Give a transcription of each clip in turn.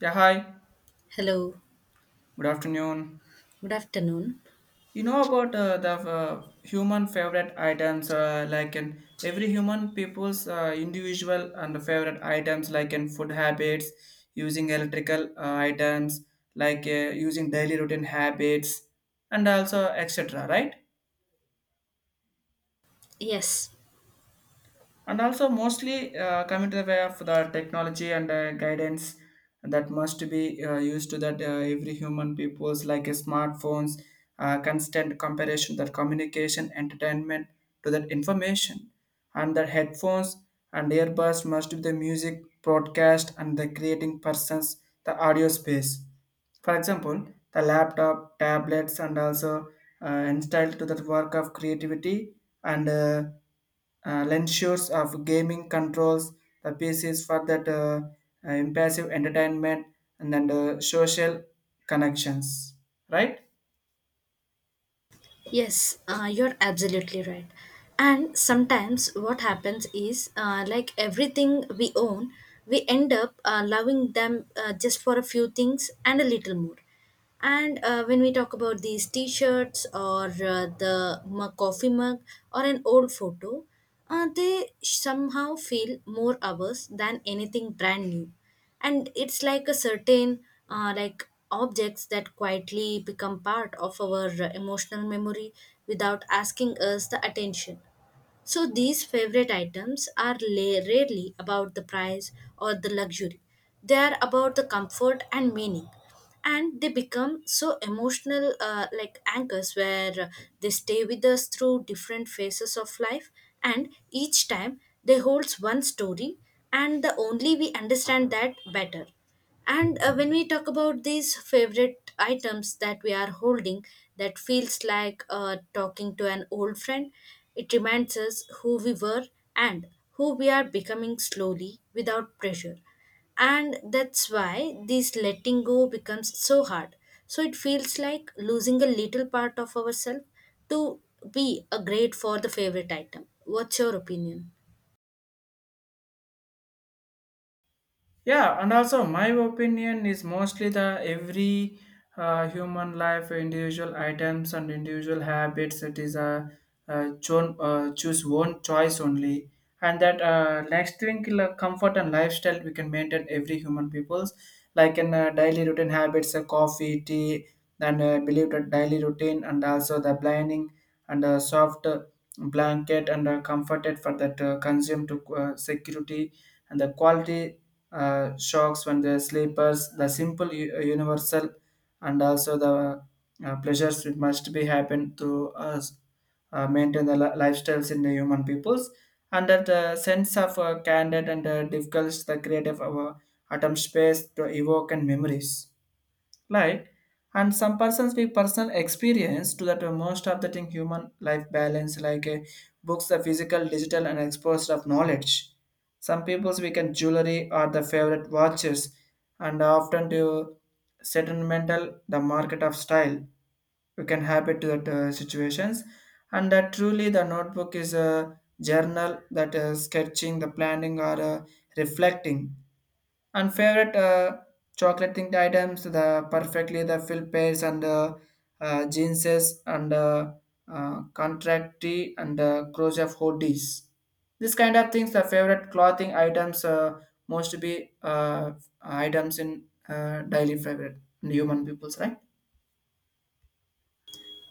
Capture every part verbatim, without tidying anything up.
Yeah, hi. Hello, Good afternoon. good afternoon. You know about uh, the uh, human favorite items, uh, like in every human people's uh, individual and favorite items, like in food habits, using electrical uh, items, like uh, using daily routine habits, and also et cetera. Right? Yes, And also mostly uh, coming to the way of the technology and uh, guidance that must be uh, used to that uh, every human people's like uh, smartphones, uh, constant comparison, that communication, entertainment to that information, and the headphones and earbuds must be the music broadcast and the creating persons, the audio space. For example, the laptop, tablets, and also uh, installed to the work of creativity and uh, uh, lensures of gaming controls, the pieces for that uh, uh, impassive entertainment and then the social connections, right? yes, uh, you're absolutely right. And sometimes what happens is, uh, like everything we own, we end up uh, loving them uh, just for a few things and a little more. And uh, when we talk about these t shirts or uh, the mu- coffee mug or an old photo, uh, they somehow feel more ours than anything brand new, and it's like a certain uh, like objects that quietly become part of our uh, emotional memory without asking us the attention. So these favorite items are la- rarely about the price or the luxury. They are about the comfort and meaning. And they become so emotional, uh, like anchors, where uh, they stay with us through different phases of life. And each time they holds one story, and the only we understand that better. And uh, when we talk about these favorite items that we are holding, that feels like uh, talking to an old friend. It reminds us who we were and who we are becoming slowly without pressure. And that's why this letting go becomes so hard. So it feels like losing a little part of ourselves to be a great for the favorite item. What's your opinion? Yeah, and also my opinion is mostly the every uh, human life individual items and individual habits. It is a, uh cho- uh, choose one choice only. And that uh, next thing, like comfort and lifestyle, we can maintain every human people's, like in uh, daily routine habits, uh, coffee, tea, then uh, believe that daily routine, and also the blinding and uh, soft uh, blanket and uh, comforted for that uh, consume to uh, security and the quality uh, shocks when the sleepers, the simple u- uh, universal, and also the uh, pleasures which must be happen to us uh, maintain the li- lifestyles in the human peoples, and that uh, sense of uh, candid and uh, difficult the creative uh, atom space to evoke and memories like. And some persons with personal experience to that uh, most of the thing human life balance, like uh, books, the physical, digital, and exposed of knowledge. Some people's, we can jewelry are the favorite watches and often to sentimental the market of style. We can have it to that uh, situations, and that truly the notebook is a journal that is sketching, the planning or uh, reflecting, and favorite uh, chocolate thing items, the perfectly the fill pairs and uh, uh, jeanses and uh, uh, contractee and uh, clothes of hoodies. This kind of things, the favorite clothing items uh, most be uh, items in uh, daily favorite in human peoples, right?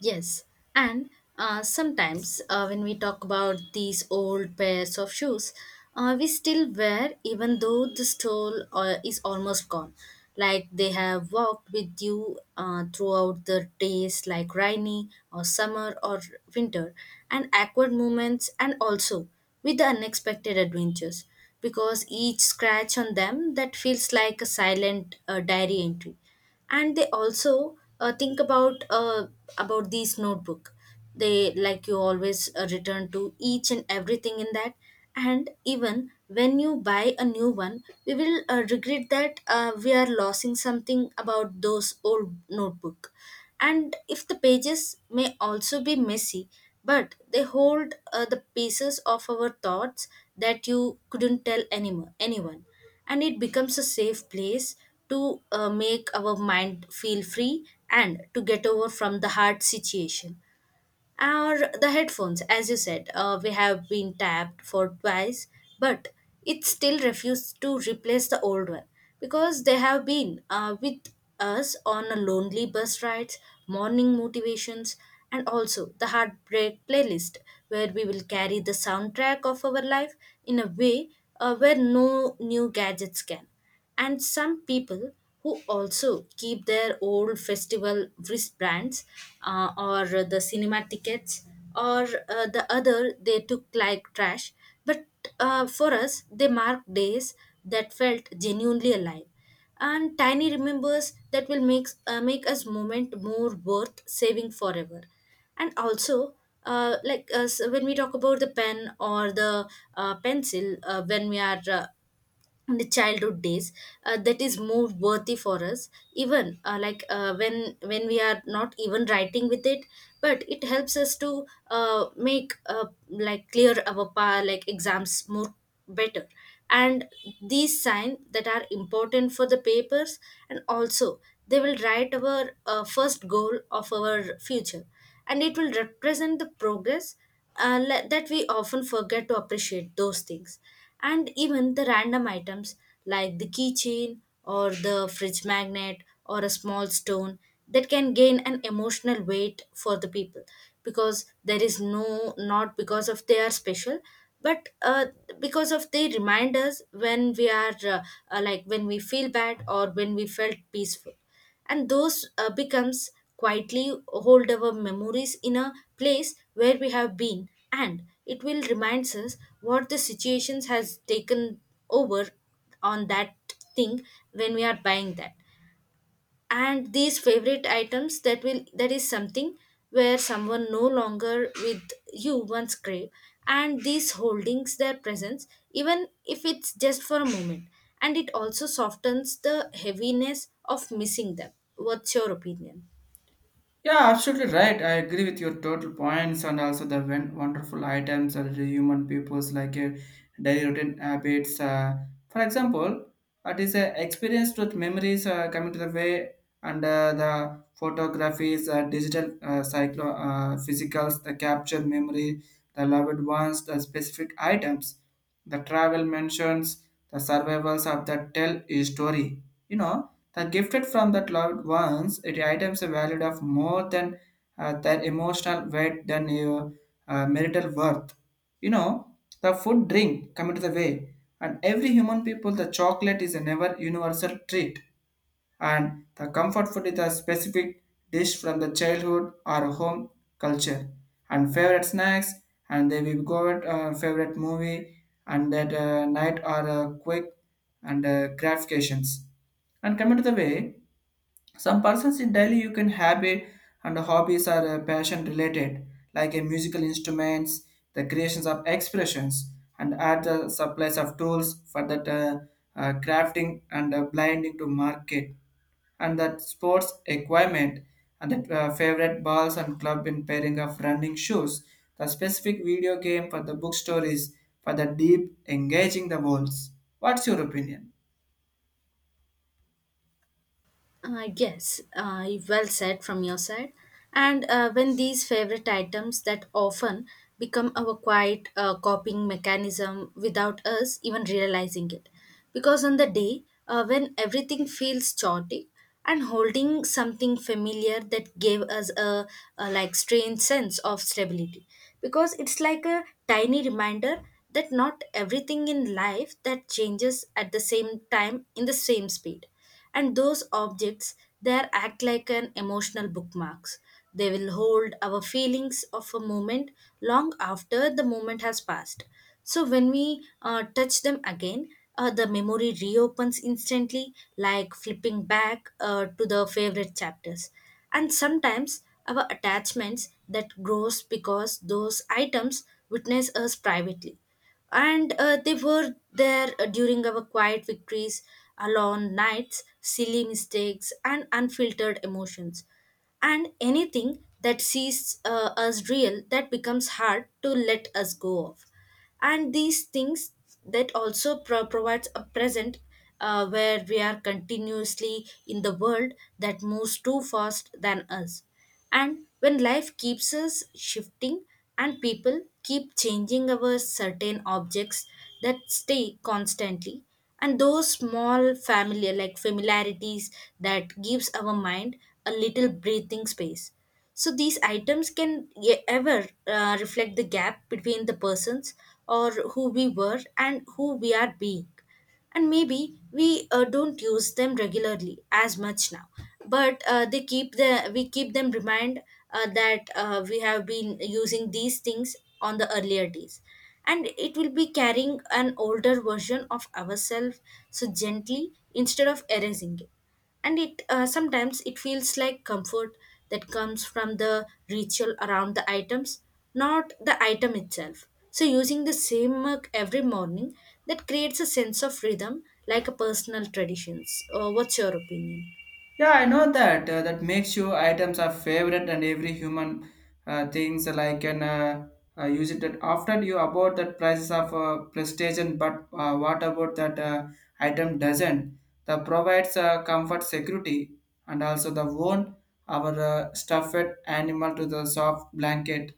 Yes, and uh, sometimes uh, when we talk about these old pairs of shoes, uh, we still wear even though the sole uh, is almost gone. Like they have walked with you uh, throughout the days, like rainy or summer or winter, and awkward moments, and also with the unexpected adventures. Because each scratch on them that feels like a silent uh, diary entry, and they also uh, think about uh, about these notebook. They like you always uh, return to each and everything in that, and even when you buy a new one we will uh, regret that uh, we are losing something about those old notebook. And if the pages may also be messy, but they hold uh, the pieces of our thoughts that you couldn't tell anyone anyone, and it becomes a safe place to uh, make our mind feel free and to get over from the hard situation. Or the headphones, as you said, uh, we have been tapped for twice, but it still refused to replace the old one because they have been uh, with us on a lonely bus rides, morning motivations, and also the heartbreak playlist, where we will carry the soundtrack of our life in a way uh, where no new gadgets can. And some people who also keep their old festival wristbands uh, or the cinema tickets, or uh, the other they took like trash, but uh, for us they marked days that felt genuinely alive, and tiny remembers that will make uh, make us moment more worth saving forever. And also uh, like uh, so when we talk about the pen or the uh, pencil, uh, when we are uh, in the childhood days, uh, that is more worthy for us, even uh, like uh, when when we are not even writing with it, but it helps us to uh, make uh, like clear our pa- like exams more better. And these signs that are important for the papers, and also they will write our uh, first goal of our future, and it will represent the progress, uh, le- that we often forget to appreciate those things. And even the random items like the keychain or the fridge magnet or a small stone, that can gain an emotional weight for the people, because there is no, not because of they are special, but uh, because of they remind us when we are uh, uh, like when we feel bad or when we felt peaceful. And those uh, becomes quietly hold our memories in a place where we have been, and it will reminds us what the situations has taken over on that thing when we are buying that. And these favorite items that will, that is something where someone no longer with you once crave, and these holdings their presence, even if it's just for a moment, and it also softens the heaviness of missing them. What's your opinion? Yeah, absolutely right. I agree with your total points and also the wen- wonderful items that the human peoples like a daily routine habits. Uh, for example, it is a experience with memories uh, coming to the way and uh, the photographies, uh, digital, uh, cyclo, uh, physicals, the captured memory, the loved ones, the specific items. The travel mentions, the survivors of the tell a story. You know, the gifted from that loved ones, it items are valued of more than uh, their emotional weight than your uh, marital worth. You know, the food drink come into the way, and every human people, the chocolate is a never universal treat, and the comfort food is a specific dish from the childhood or home culture, and favorite snacks, and they will go at uh, favorite movie, and that uh, night are uh, quick and uh, gratifications, and coming to the way, some persons in daily you can habit and hobbies are uh, passion related, like a musical instruments, the creations of expressions, and add the supplies of tools for that uh, uh, crafting and uh, blinding to market, and that sports equipment, and the uh, favorite balls and club in pairing of running shoes, the specific video game for the book stories for the deep engaging the worlds. What's your opinion? Uh, yes, uh, well said from your side. And uh, when these favorite items that often become our quiet uh, coping mechanism without us even realizing it. Because on the day uh, when everything feels chaotic and holding something familiar that gave us a, a like strange sense of stability. Because it's like a tiny reminder that not everything in life that changes at the same time in the same speed, and those objects there act like an emotional bookmarks. They will hold our feelings of a moment long after the moment has passed. So when we uh, touch them again, uh, the memory reopens instantly like flipping back uh, to the favorite chapters. And sometimes our attachments that grows because those items witness us privately, and uh, they were there uh, during our quiet victories, alone nights, silly mistakes, and unfiltered emotions. And anything that sees uh, us real that becomes hard to let us go of. And these things that also pro- provides a present uh, where we are continuously in the world that moves too fast than us. And when life keeps us shifting and people keep changing our certain objects that stay constantly, and those small familiar like familiarities that gives our mind a little breathing space. So these items can ye- ever uh, reflect the gap between the persons or who we were and who we are being. And maybe we uh, don't use them regularly as much now, but uh, they keep the we keep them remind uh, that uh, we have been using these things on the earlier days, and it will be carrying an older version of ourselves so gently, instead of erasing it. And it uh, sometimes it feels like comfort that comes from the ritual around the items, not the item itself. So using the same mug every morning that creates a sense of rhythm like a personal traditions. Uh, what's your opinion? Yeah, I know that. Uh, that makes you items are favorite and every human uh, things like can uh, uh, use it. That often you about that prices of uh, prestation, but uh, what about that uh, item doesn't? The provides uh, comfort, security, and also the wound our uh, stuffed animal to the soft blanket,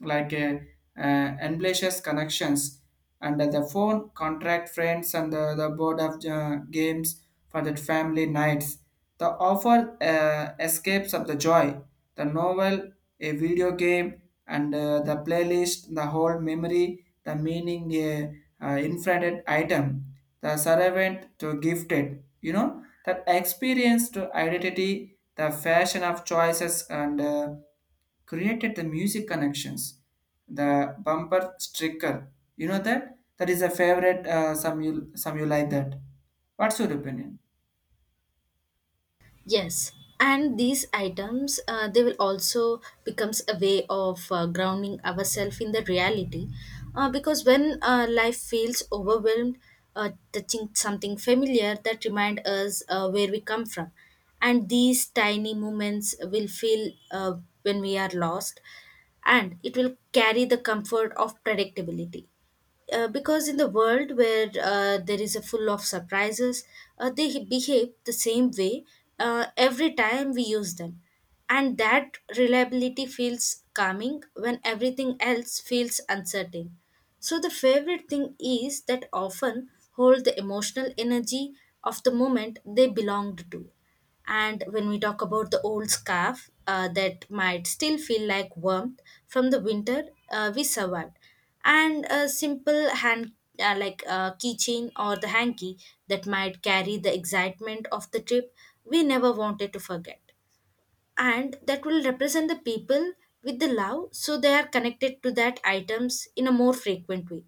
like uh, uh, ambitious connections and uh, the phone contract friends and the, the board of uh, games for the family nights, the offer uh, escapes of the joy, the novel, a video game, and uh, the playlist, the whole memory, the meaning a uh, infinite item, the servant to gifted, you know, that experience to identity, the fashion of choices and uh, created the music connections, the bumper sticker. You know that that is a favorite. Uh, some you some you like that. What's your opinion? Yes, and these items uh, they will also becomes a way of uh, grounding ourselves in the reality, uh, because when uh, life feels overwhelmed, uh, touching something familiar that remind us uh, where we come from, and these tiny moments will feel uh, when we are lost, and it will carry the comfort of predictability, uh, because in the world where uh, there is a full of surprises, uh, they behave the same way uh, every time we use them. And that reliability feels calming when everything else feels uncertain. So, the favorite thing is that often hold the emotional energy of the moment they belonged to. And when we talk about the old scarf uh, that might still feel like warmth from the winter uh, we survived, and a simple hand uh, like a keychain or the hanky that might carry the excitement of the trip we never wanted to forget, and that will represent the people with the love, so they are connected to that items in a more frequent way.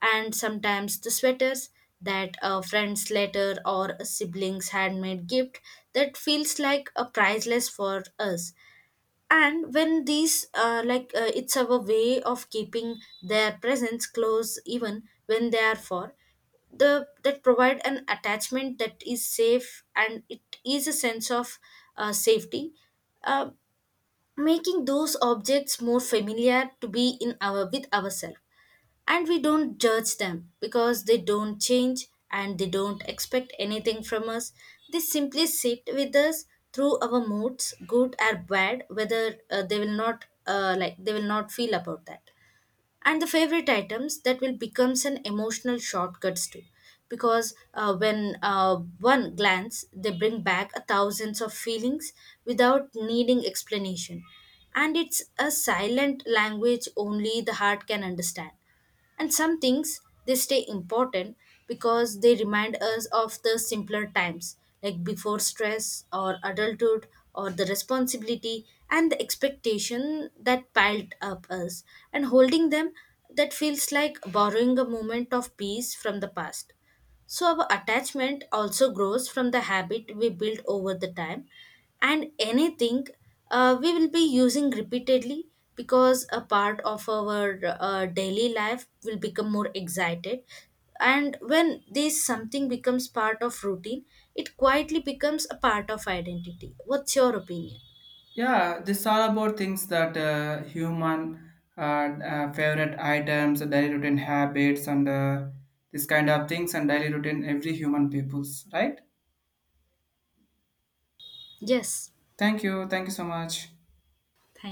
And sometimes the sweaters that a friend's letter or a sibling's handmade gift that feels like a priceless for us. And when these uh, like uh, it's our way of keeping their presence close even when they are far. The, that provide an attachment that is safe, and it is a sense of uh, safety, uh, making those objects more familiar to be in our with ourselves. And we don't judge them because they don't change and they don't expect anything from us. They simply sit with us through our moods good or bad, whether uh, they will not uh, like they will not feel about that. And the favorite items that will becomes an emotional shortcuts too, because uh, when uh, one glance they bring back a thousands of feelings without needing explanation. And it's a silent language only the heart can understand. And some things, they stay important because they remind us of the simpler times, like before stress or adulthood or the responsibility and the expectation that piled up us. And holding them that feels like borrowing a moment of peace from the past. So, our attachment also grows from the habit we build over the time, and anything uh, we will be using repeatedly because a part of our uh, daily life will become more excited. And when this something becomes part of routine, it quietly becomes a part of identity. What's your opinion? Yeah, this is all about things that uh, human uh, uh, favorite items, daily routine habits, and uh, this kind of things and daily routine every human peoples, right? Yes, Thank you. Thank you so much. thank